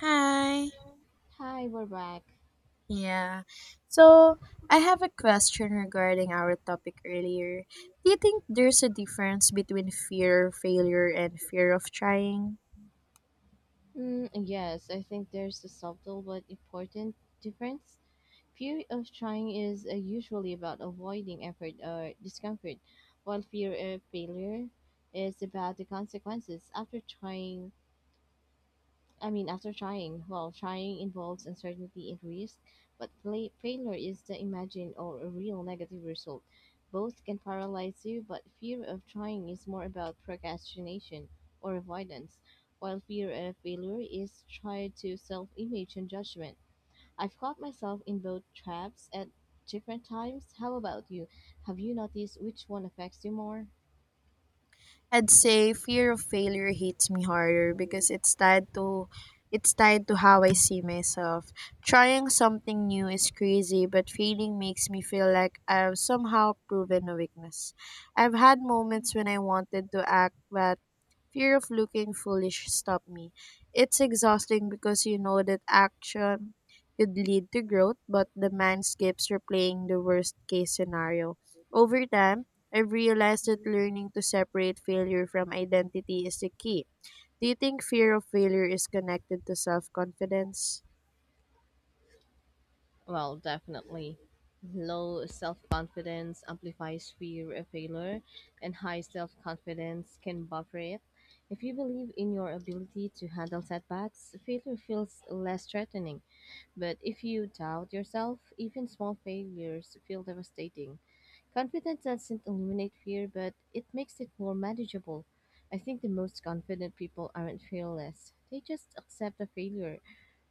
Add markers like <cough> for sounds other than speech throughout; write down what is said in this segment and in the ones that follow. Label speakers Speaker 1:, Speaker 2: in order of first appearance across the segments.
Speaker 1: Hi.
Speaker 2: Hi, we're back.
Speaker 1: Yeah. So, I have a question regarding our topic earlier. Do you think there's a difference between fear of failure and fear of trying?
Speaker 2: Yes, I think there's a subtle but important difference. Fear of trying is usually about avoiding effort or discomfort, while fear of failure is about the consequences after trying. I mean, after trying, well, trying involves uncertainty and risk, but failure is the imagined or a real negative result. Both can paralyze you, but fear of trying is more about procrastination or avoidance, while fear of failure is tied to self image and judgment. I've caught myself in both traps at different times. How about you? Have you noticed which one affects you more?
Speaker 1: I'd say fear of failure hits me harder because it's tied to how I see myself. Trying something new is crazy, but failing makes me feel like I've somehow proven a weakness. I've had moments when I wanted to act, but fear of looking foolish stopped me. It's exhausting because you know that action could lead to growth, but the mind keeps replaying the worst case scenario. Over time, I've realized that learning to separate failure from identity is the key. Do you think fear of failure is connected to self confidence?
Speaker 2: Well, definitely. Low self confidence amplifies fear of failure, and high self confidence can buffer it. If you believe in your ability to handle setbacks, failure feels less threatening. But if you doubt yourself, even small failures feel devastating. Confidence doesn't eliminate fear, but it makes it more manageable. I think the most confident people aren't fearless. They just accept the failure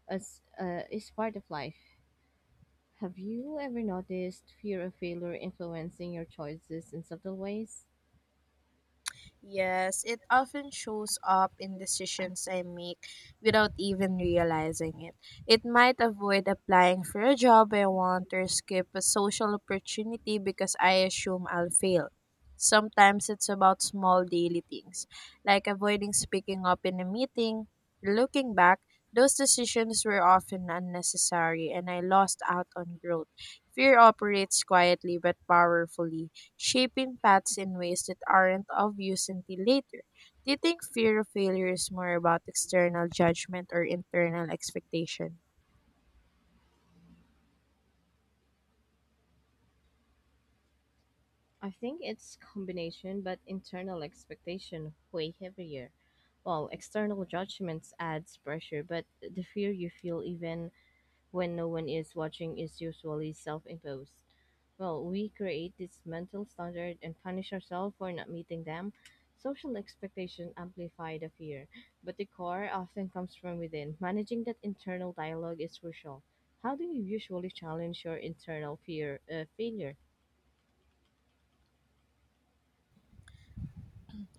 Speaker 2: as is part of life. Have you ever noticed fear of failure influencing your choices in subtle ways?
Speaker 1: Yes, it often shows up in decisions I make without even realizing it. It might avoid applying for a job I want or skip a social opportunity because I assume I'll fail. Sometimes it's about small daily things, like avoiding speaking up in a meeting. Looking back, those decisions were often unnecessary and I lost out on growth. Fear operates quietly but powerfully, shaping paths in ways that aren't obvious until later. Do you think fear of failure is more about external judgment or internal expectation?
Speaker 2: I think it's combination, but internal expectation way heavier. While external judgments adds pressure, but the fear you feel even when no one is watching is usually self-imposed. Well, we create this mental standard and punish ourselves for not meeting them. Social expectations amplify the fear, but the core often comes from within. Managing that internal dialogue is crucial. How do you usually challenge your internal fear failure?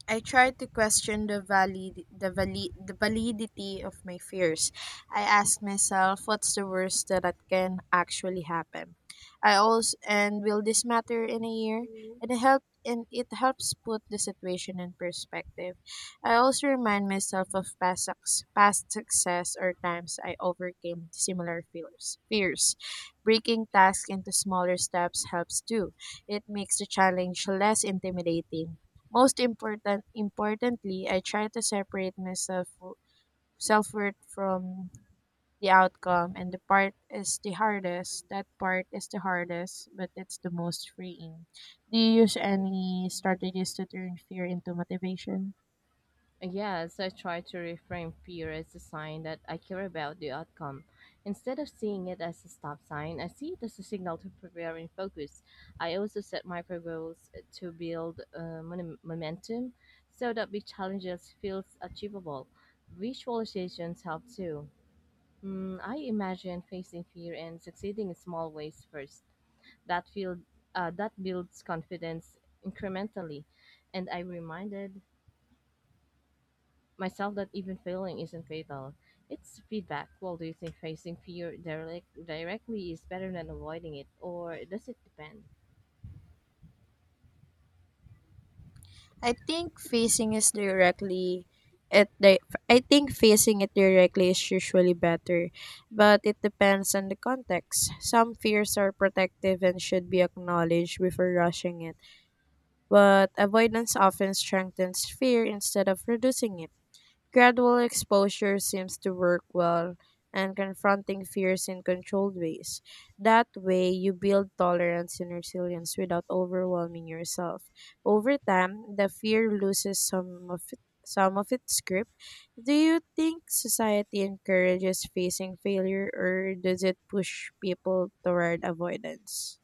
Speaker 1: I tried to question the validity of my fears. I asked myself, what's the worst that it can actually happen? I also, and will this matter in a year? And it helps put the situation in perspective. I also remind myself of past success or times I overcame similar fears. Breaking tasks into smaller steps helps too. It makes the challenge less intimidating. Most importantly, I try to separate myself self worth from the outcome, and the part is the hardest. That part is the hardest, but it's the most freeing. Do you use any strategies to turn fear into motivation?
Speaker 2: Yes, I try to reframe fear as a sign that I care about the outcome. Instead of seeing it as a stop sign, I see it as a signal to prepare and focus. I also set micro goals to build momentum so that big challenges feels achievable. Visualizations help too. I imagine facing fear and succeeding in small ways first. That feel that builds confidence incrementally, and I reminded myself that even failing isn't fatal. It's feedback. Well, do you think facing fear directly is better than avoiding it, or does it depend?
Speaker 1: I think facing is directly at the I think facing it directly is usually better, but it depends on the context. Some fears are protective and should be acknowledged before rushing in, but avoidance often strengthens fear instead of reducing it. Gradual exposure seems to work well and confronting fears in controlled ways. That way, you build tolerance and resilience without overwhelming yourself. Over time, the fear loses some of its grip. Do you think society encourages facing failure, or does it push people toward avoidance?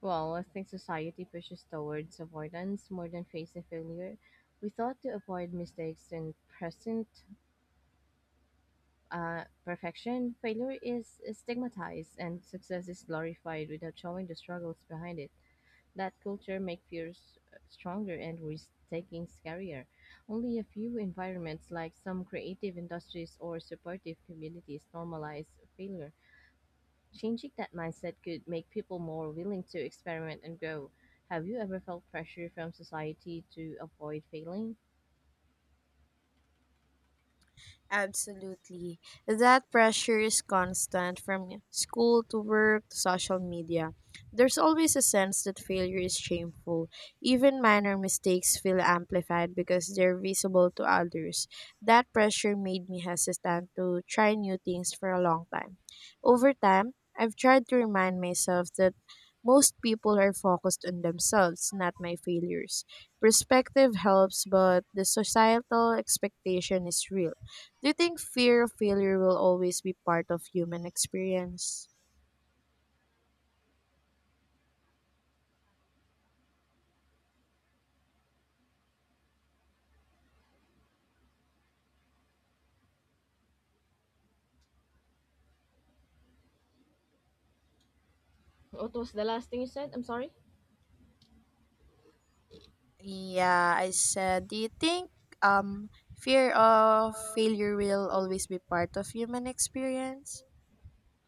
Speaker 2: Well, I think society pushes towards avoidance more than facing failure. We thought to avoid mistakes and present perfection, failure is stigmatized and success is glorified without showing the struggles behind it. That culture make fears stronger and risk-taking scarier. Only a few environments, like some creative industries or supportive communities, normalize failure. Changing that mindset could make people more willing to experiment and grow. Have you ever felt pressure from society to avoid failing?
Speaker 1: Absolutely. That pressure is constant from school to work to social media. There's always a sense that failure is shameful. Even minor mistakes feel amplified because they're visible to others. That pressure made me hesitant to try new things for a long time. Over time, I've tried to remind myself that most people are focused on themselves, not my failures. Perspective helps, but the societal expectation is real. Do you think fear of failure will always be part of human experience?
Speaker 2: What was the last thing you said? I'm sorry.
Speaker 1: Yeah, I said, do you think fear of
Speaker 2: Uh,
Speaker 1: failure will always be part of human experience?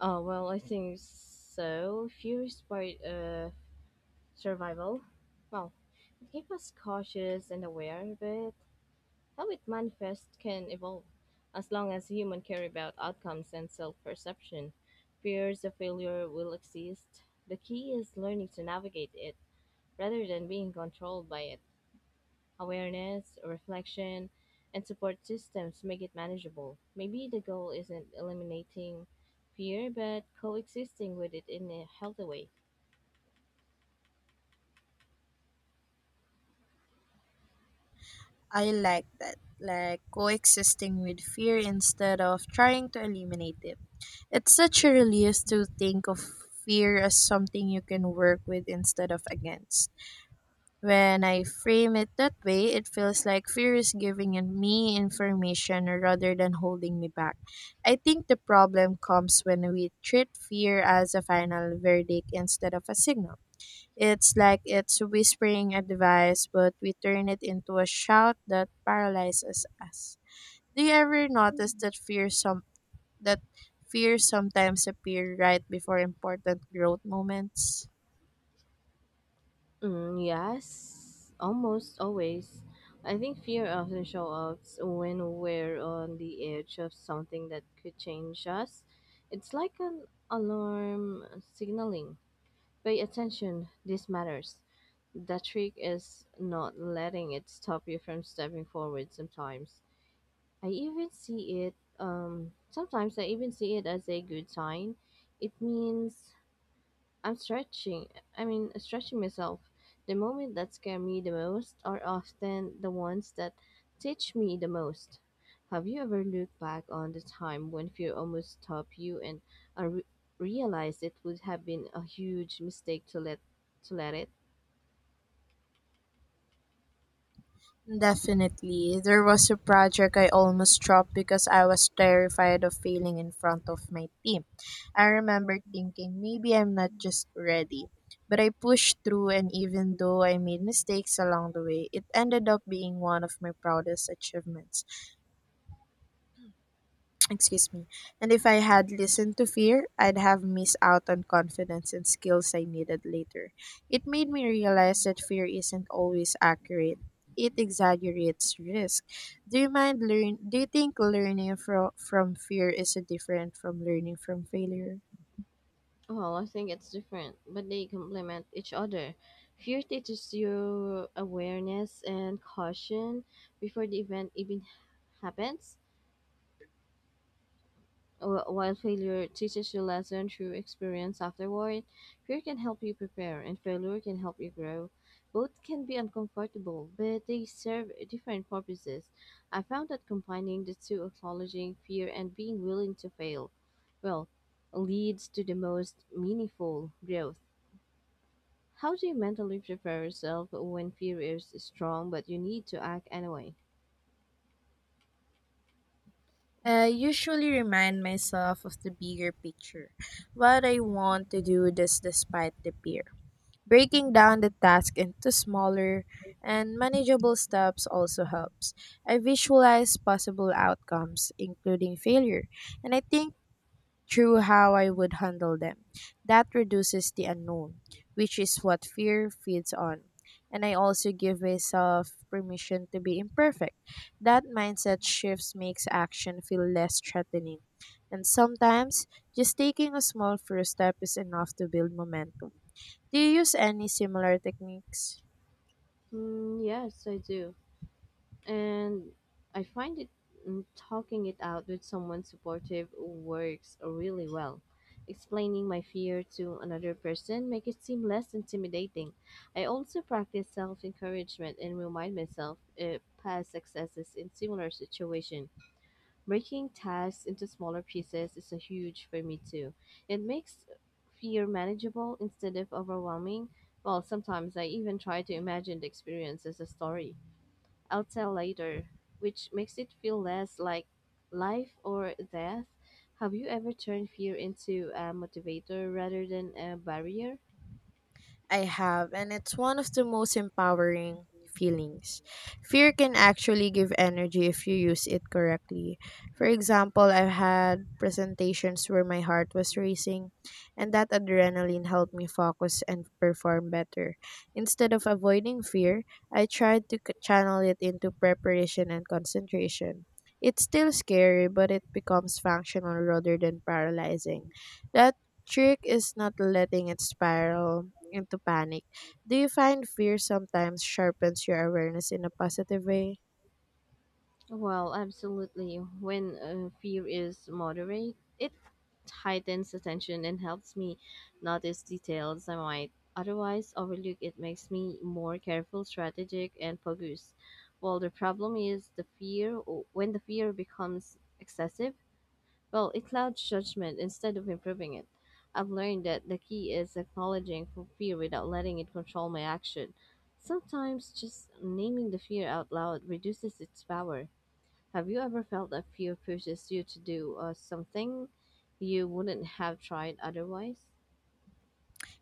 Speaker 2: Oh, well, I think so. Fears by survival. Well, it keeps us cautious and aware, but how it manifests can evolve, as long as humans care about outcomes and self perception. Fears of failure will exist. The key is learning to navigate it rather than being controlled by it. Awareness, reflection, and support systems make it manageable. Maybe the goal isn't eliminating fear, but coexisting with it in a healthy way.
Speaker 1: I like that. Like coexisting with fear instead of trying to eliminate it. It's such a release to think of fear as something you can work with instead of against. When I frame it that way, it feels like fear is giving in me information rather than holding me back. I think the problem comes when we treat fear as a final verdict instead of a signal. It's like it's whispering advice, but we turn it into a shout that paralyzes us. Do you ever notice that that fear sometimes appear right before important growth moments?
Speaker 2: Yes, almost always. I think fear often shows up when we're on the edge of something that could change us. It's like an alarm signaling. Pay attention, this matters. The trick is not letting it stop you from stepping forward sometimes. I even see it, Sometimes I even see it as a good sign. It means I'm stretching. I mean, stretching myself. The moments that scare me the most are often the ones that teach me the most. Have you ever looked back on the time when fear almost stopped you and uh, re- realized it would have been a huge mistake to let it?
Speaker 1: Definitely. There was a project I almost dropped because I was terrified of failing in front of my team. I remember thinking maybe I'm not just ready. But I pushed through, and even though I made mistakes along the way, it ended up being one of my proudest achievements. Excuse me. And if I had listened to fear, I'd have missed out on confidence and skills I needed later. It made me realize that fear isn't always accurate. It exaggerates risk. Do you think learning from fear is different from learning from failure?
Speaker 2: Well, I think it's different, but they complement each other. Fear teaches you awareness and caution before the event even happens. While failure teaches you lesson through experience afterward, fear can help you prepare and failure can help you grow. Both can be uncomfortable, but they serve different purposes. I found that combining the two, acknowledging fear and being willing to fail, well, leads to the most meaningful growth. How do you mentally prepare yourself when fear is strong but you need to act anyway?
Speaker 1: I usually remind myself of the bigger picture, what I want to do this despite the fear. Breaking down the task into smaller and manageable steps also helps. I visualize possible outcomes, including failure, and I think through how I would handle them. That reduces the unknown, which is what fear feeds on. And I also give myself permission to be imperfect. That mindset shifts makes action feel less threatening. And sometimes, just taking a small first step is enough to build momentum. Do you use any similar techniques?
Speaker 2: Yes, I do. And I find it talking it out with someone supportive works really well. Explaining my fear to another person make it seem less intimidating. I also practice self-encouragement and remind myself of past successes in similar situation. Breaking tasks into smaller pieces is a huge for me too. It makes fear manageable instead of overwhelming. Well, sometimes I even try to imagine the experience as a story. I'll tell later, which makes it feel less like life or death. Have you ever turned fear into a motivator rather than a barrier?
Speaker 1: I have, and it's one of the most empowering feelings. Fear can actually give energy if you use it correctly. For example, I've had presentations where my heart was racing, and that adrenaline helped me focus and perform better. Instead of avoiding fear, I tried to channel it into preparation and concentration. It's still scary, but it becomes functional rather than paralyzing. That trick is not letting it spiral into panic. Do you find fear sometimes sharpens your awareness in a positive way?
Speaker 2: Well, absolutely. When fear is moderate, it heightens attention and helps me notice details I might otherwise overlook. It makes me more careful, strategic, and focused. Well, the problem is the fear when the fear becomes excessive, well, it clouds judgment instead of improving it. I've learned that the key is acknowledging for fear without letting it control my action. Sometimes just naming the fear out loud reduces its power. Have you ever felt that fear pushes you to do something you wouldn't have tried otherwise?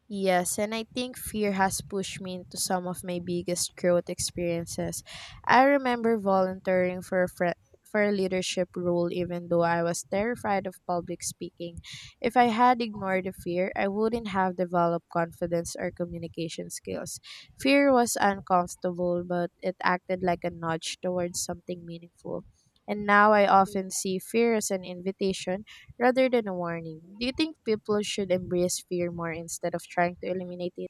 Speaker 1: Yes, and I think fear has pushed me into some of my biggest growth experiences. I remember volunteering for a fri for a leadership role even though I was terrified of public speaking. If I had ignored the fear, I wouldn't have developed confidence or communication skills. Fear was uncomfortable, but it acted like a nudge towards something meaningful. And now I often see fear as an invitation rather than a warning. Do you think people should embrace fear more instead of trying to eliminate it?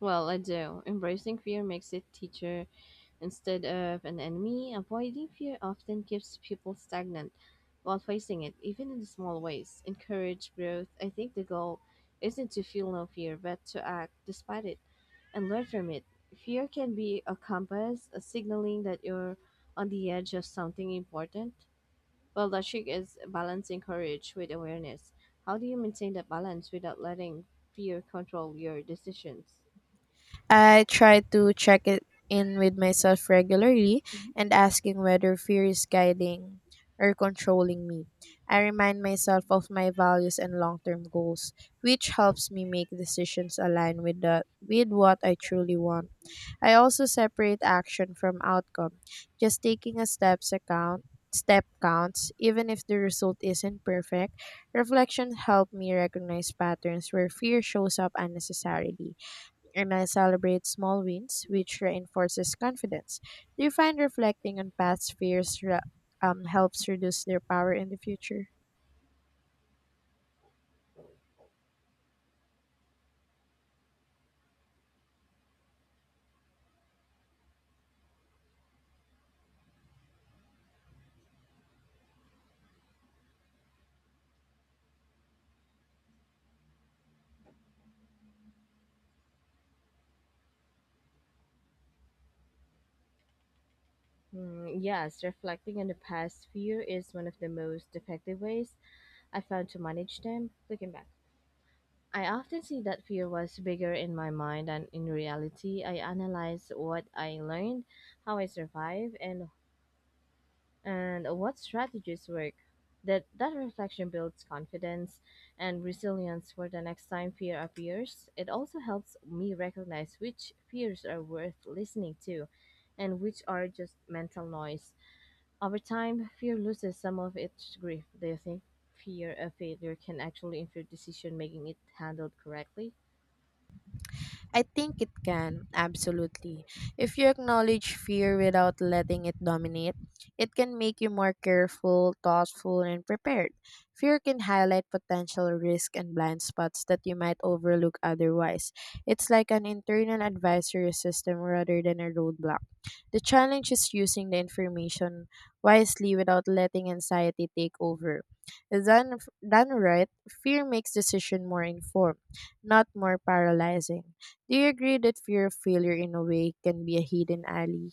Speaker 2: Well, I do. Embracing fear makes it teacher instead of an enemy, avoiding fear often keeps people stagnant while facing it, even in small ways. Encourage growth. I think the goal isn't to feel no fear, but to act despite it and learn from it. Fear can be a compass, a signaling that you're on the edge of something important. Well, the trick is balancing courage with awareness. How do you maintain that balance without letting fear control your decisions?
Speaker 1: I try to check it in with myself regularly and asking whether fear is guiding or controlling me. I remind myself of my values and long-term goals, which helps me make decisions aligned with the with what I truly want. I also separate action from outcome. Just taking a steps account step counts, even if the result isn't perfect. Reflection helped me recognize patterns where fear shows up unnecessarily, and I celebrate small wins, which reinforces confidence. Do you find reflecting on past fears helps reduce their power in the future?
Speaker 2: Yes, reflecting on the past few is one of the most effective ways I found to manage them. Looking back, I often see that fear was bigger in my mind than in reality. I analyze what I learned, how I survived, and what strategies work. That reflection builds confidence and resilience for the next time fear appears. It also helps me recognize which fears are worth listening to, and which are just mental noise. Over time, fear loses some of its grief. Do you think fear of failure can actually improve decision making it handled correctly?
Speaker 1: I think it can, absolutely. If you acknowledge fear without letting it dominate, it can make you more careful, thoughtful, and prepared. Fear can highlight potential risk and blind spots that you might overlook otherwise. It's like an internal advisory system rather than a roadblock. The challenge is using the information wisely without letting anxiety take over. Done, Done right, fear makes decision more informed, not more paralyzing. Do you agree that fear of failure in a way can be a hidden ally?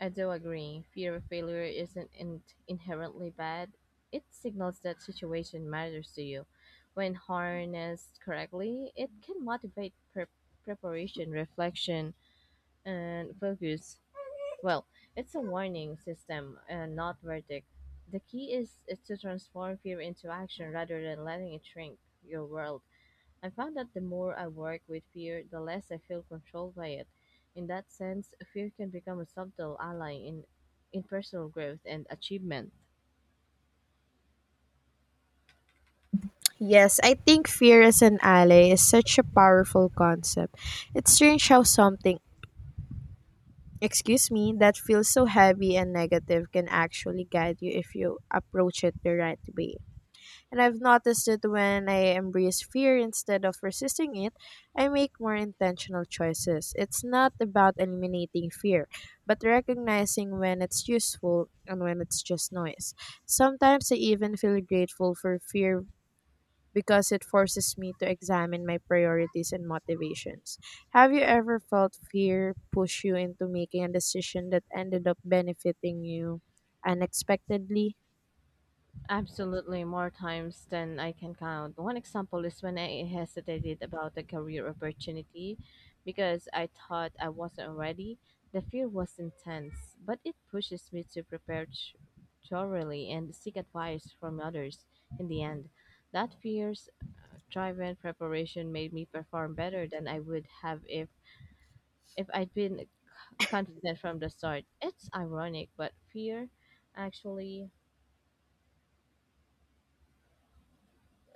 Speaker 2: I do agree. Fear of failure isn't inherently bad. It signals that situation matters to you. When harnessed correctly, it can motivate preparation, reflection, and focus. Well, it's a warning system and not verdict. The key is to transform fear into action rather than letting it shrink your world. I found that the more I work with fear, the less I feel controlled by it. In that sense, fear can become a subtle ally in personal growth and achievement.
Speaker 1: Yes, I think fear as an ally is such a powerful concept. It's strange how something, excuse me, that feels so heavy and negative can actually guide you if you approach it the right way. And I've noticed that when I embrace fear instead of resisting it, I make more intentional choices. It's not about eliminating fear, but recognizing when it's useful and when it's just noise. Sometimes I even feel grateful for fear because it forces me to examine my priorities and motivations. Have you ever felt fear push you into making a decision that ended up benefiting you unexpectedly?
Speaker 2: Absolutely, more times than I can count. One example is when I hesitated about a career opportunity because I thought I wasn't ready. The fear was intense, but it pushes me to prepare thoroughly and seek advice from others in the end. That fear drive-in preparation made me perform better than I would have if I'd been confident from the start. It's ironic, but fear actually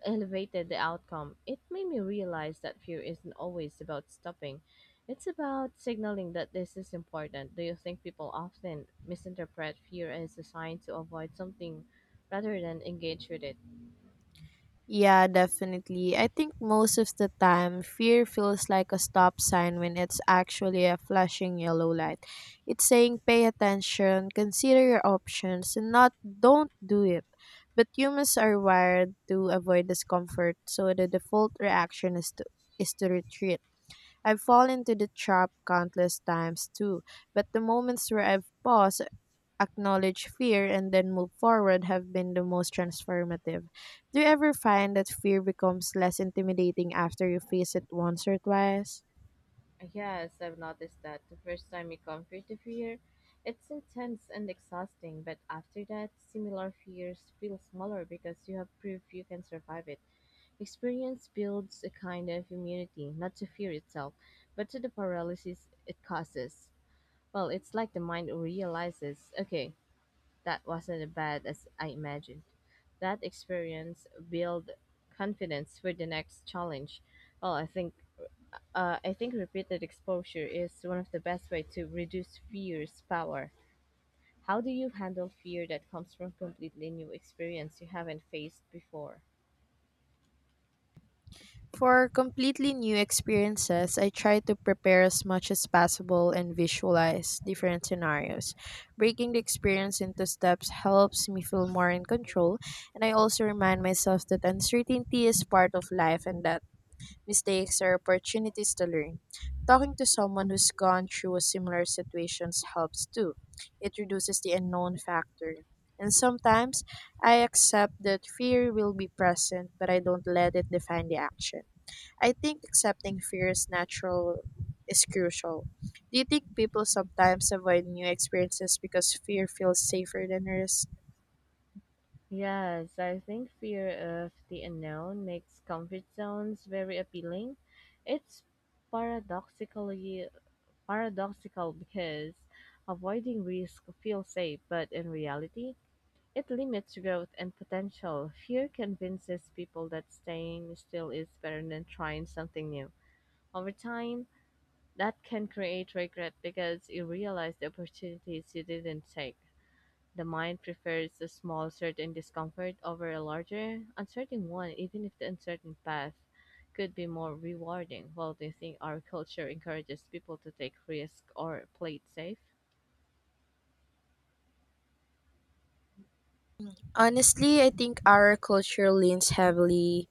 Speaker 2: elevated the outcome. It made me realize that fear isn't always about stopping. It's about signaling that this is important. Do you think people often misinterpret fear as a sign to avoid something rather than engage with it?
Speaker 1: Yeah, definitely. I think most of the time, fear feels like a stop sign when it's actually a flashing yellow light. It's saying pay attention, consider your options, and not don't do it. But humans are wired to avoid discomfort, so the default reaction is to retreat. I've fallen into the trap countless times too, but the moments where I've paused, acknowledged fear, and then moved forward have been the most transformative. Do you ever find that fear becomes less intimidating after you face it once or twice?
Speaker 2: Yes, I've noticed that. The first time you conquer the fear, it's intense and exhausting, but after that, similar fears feel smaller because you have proof you can survive it. Experience builds a kind of immunity, not to fear itself, but to the paralysis it causes. Well, it's like the mind realizes, okay, that wasn't as bad as I imagined. That experience build confidence for the next challenge. Well, I think repeated exposure is one of the best way to reduce fear's power. How do you handle fear that comes from completely new experience you haven't faced before?
Speaker 1: For completely new experiences, I try to prepare as much as possible and visualize different scenarios. Breaking the experience into steps helps me feel more in control, and I also remind myself that uncertainty is part of life and that mistakes are opportunities to learn. Talking to someone who's gone through a similar situations helps too. It reduces the unknown factor. And sometimes I accept that fear will be present, but I don't let it define the action. I think accepting fear is natural is crucial. Do you think people sometimes avoid new experiences because fear feels safer than risk?
Speaker 2: Yes, I think fear of the unknown makes comfort zones very appealing. It's paradoxically paradoxical because avoiding risk feels safe, but in reality, it limits growth and potential. Fear convinces people that staying still is better than trying something new. Over time, that can create regret because you realize the opportunities you didn't take. The mind prefers a small certain discomfort over a larger uncertain one, even if the uncertain path could be more rewarding. Well, do you think our culture encourages people to take risks or play it safe?
Speaker 1: Honestly, I think our culture leans heavily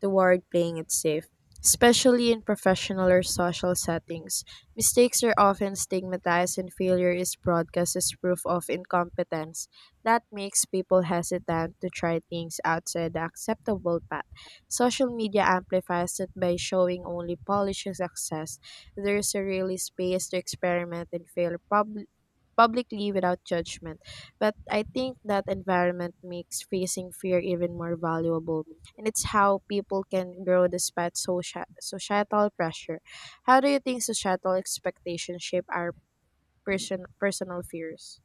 Speaker 1: toward playing it safe. Especially in professional or social settings, mistakes are often stigmatized and failure is broadcast as proof of incompetence. That makes people hesitant to try things outside the acceptable path. Social media amplifies it by showing only polished success. There is a really space to experiment and fail publicly without judgment. But I think that environment makes facing fear even more valuable, and it's how people can grow despite societal pressure. How do you think societal expectations shape our personal fears?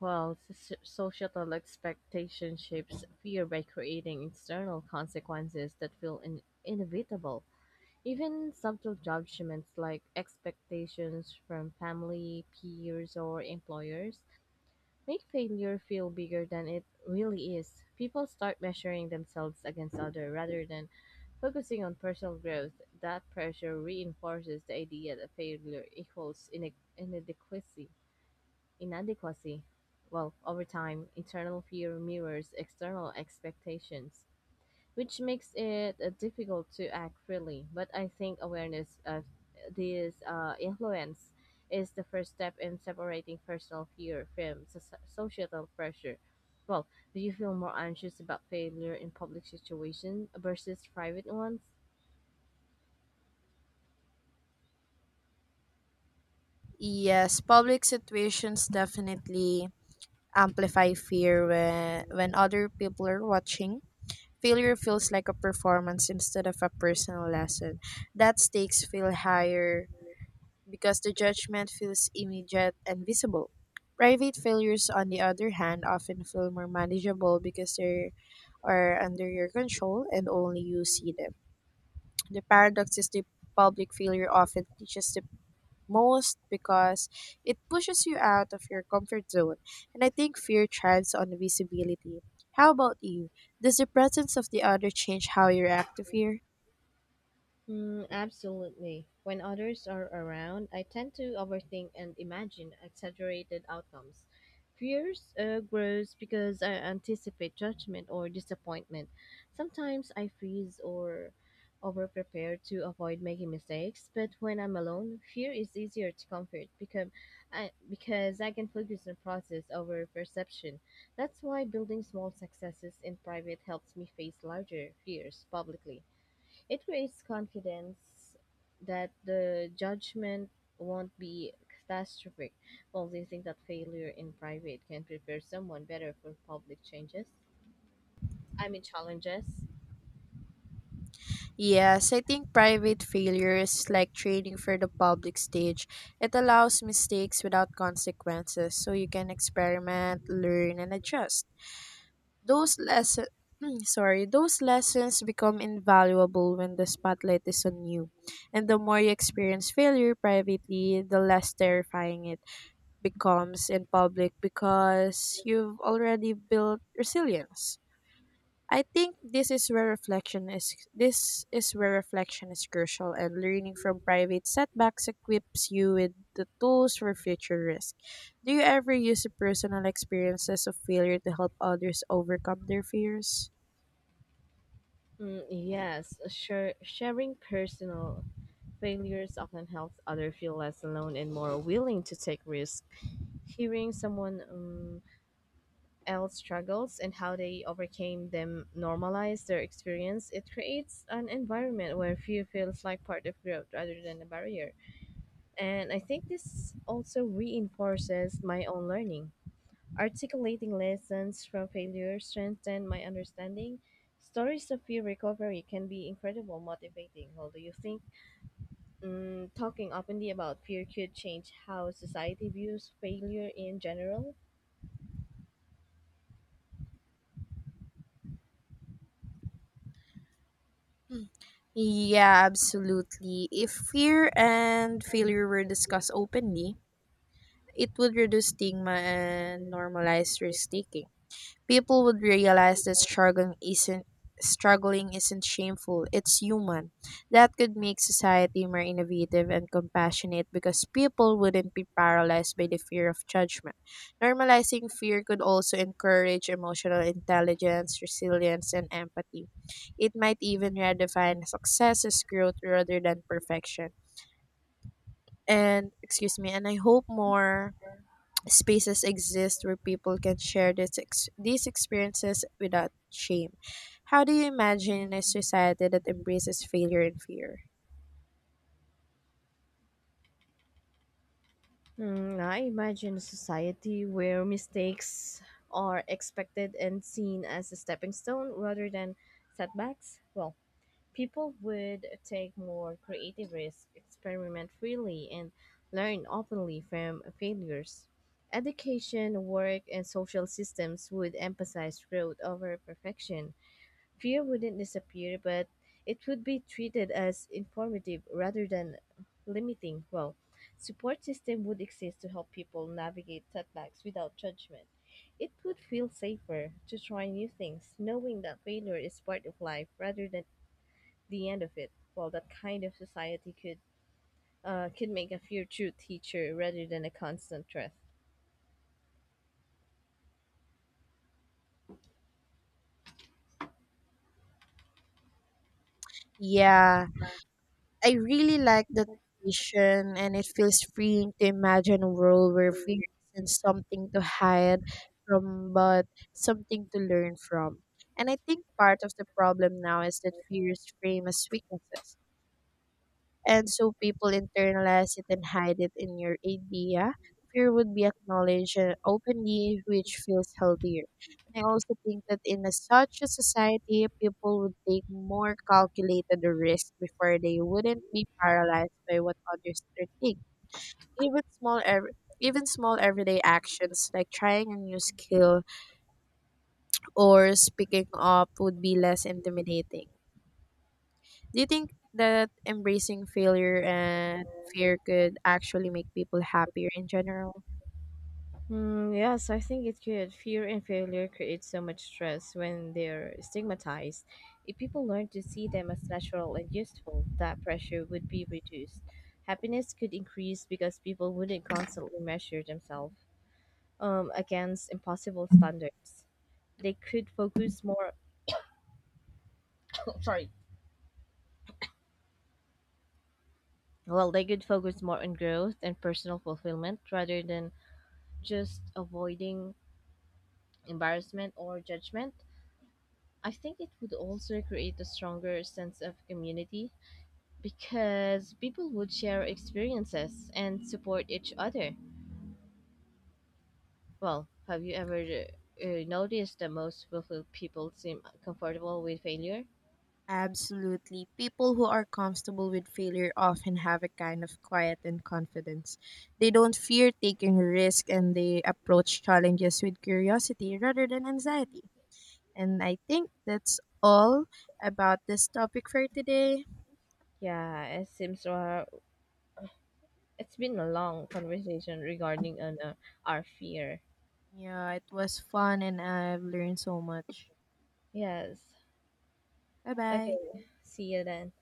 Speaker 2: While societal expectation shapes fear by creating external consequences that feel inevitable, even subtle judgments like expectations from family, peers, or employers make failure feel bigger than it really is. People start measuring themselves against others rather than focusing on personal growth. That pressure reinforces the idea that failure equals inadequacy. Inadequacy. Well, over time, internal fear mirrors external expectations, which makes it difficult to act freely. But I think awareness of this influence is the first step in separating personal fear from societal pressure. Well, do you feel more anxious about failure in public situations versus private ones?
Speaker 1: Yes, public situations definitely amplify fear when other people are watching. Failure feels like a performance instead of a personal lesson. That stakes feel higher because the judgment feels immediate and visible. Private failures, on the other hand, often feel more manageable because they're are under your control and only you see them. The paradox is the public failure often teaches the most because it pushes you out of your comfort zone. And I think fear thrives on visibility. How about you? Does the presence of the other change how you react to fear?
Speaker 2: Absolutely. When others are around, I tend to overthink and imagine exaggerated outcomes. Fears grows because I anticipate judgment or disappointment. Sometimes I freeze or overprepare to avoid making mistakes, but when I'm alone, fear is easier to comfort because I can focus on process over perception. That's why building small successes in private helps me face larger fears publicly. It creates confidence that the judgment won't be catastrophic. Well, do you think that failure in private can prepare someone better for public changes? I mean, challenges?
Speaker 1: Yes, I think private failure is like training for the public stage. It allows mistakes without consequences, so you can experiment, learn, and adjust. Those lessons <clears throat> sorry, those lessons become invaluable when the spotlight is on you. And the more you experience failure privately, the less terrifying it becomes in public because you've already built resilience. I think this is where reflection is crucial, and learning from private setbacks equips you with the tools for future risk. Do you ever use the personal experiences of failure to help others overcome their fears?
Speaker 2: Yes, sure. Sharing personal failures often helps others feel less alone and more willing to take risks. Hearing someone else struggles and how they overcame them normalize their experience, it creates an environment where fear feels like part of growth rather than a barrier. And I think this also reinforces my own learning. Articulating lessons from failure strengthened my understanding. Stories of fear recovery can be incredible motivating. Well, do you think talking openly about fear could change how society views failure in general?
Speaker 1: Yeah, absolutely. If fear and failure were discussed openly, it would reduce stigma and normalize risk taking. People would realize that struggling isn't shameful. It's human. That could make society more innovative and compassionate because people wouldn't be paralyzed by the fear of judgment. Normalizing fear could also encourage emotional intelligence, resilience, and empathy. It might even redefine success as growth rather than perfection. And excuse me, and I hope more spaces exist where people can share these experiences without shame. How do you imagine a society that embraces failure and fear?
Speaker 2: Hmm. I imagine a society where mistakes are expected and seen as a stepping stone rather than setbacks. Well, people would take more creative risks, experiment freely, and learn openly from failures. Education, work, and social systems would emphasize growth over perfection. Fear wouldn't disappear, but it would be treated as informative rather than limiting. Well, support system would exist to help people navigate setbacks without judgment. It would feel safer to try new things, knowing that failure is part of life rather than the end of it. Well, that kind of society could make a fear true teacher rather than a constant threat.
Speaker 1: Yeah, I really like that vision, and it feels freeing to imagine a world where fear isn't something to hide from, but something to learn from. And I think part of the problem now is that fear is framed as weaknesses, and so people internalize it and hide it in your idea. Fear would be acknowledged openly, which feels healthier. And I also think that in a, such a society, people would take more calculated risk before they wouldn't be paralyzed by what others think. Even small everyday actions like trying a new skill or speaking up would be less intimidating. Do you think that embracing failure and fear could actually make people happier in general?
Speaker 2: Yes, I think it could. Fear and failure create so much stress when they're stigmatized. If people learn to see them as natural and useful, that pressure would be reduced. Happiness could increase because people wouldn't constantly measure themselves against impossible standards. They could focus more, they could focus more on growth and personal fulfillment rather than just avoiding embarrassment or judgment. I think it would also create a stronger sense of community because people would share experiences and support each other. Well, have you ever noticed that most willful people seem comfortable with failure?
Speaker 1: Absolutely. People who are comfortable with failure often have a kind of quiet and confidence. They don't fear taking risk and they approach challenges with curiosity rather than anxiety. And I think that's all about this topic for today.
Speaker 2: Yeah, it seems it's been a long conversation regarding our fear.
Speaker 1: Yeah, it was fun and I've learned so much.
Speaker 2: Yes.
Speaker 1: Bye bye.
Speaker 2: Okay. See you then.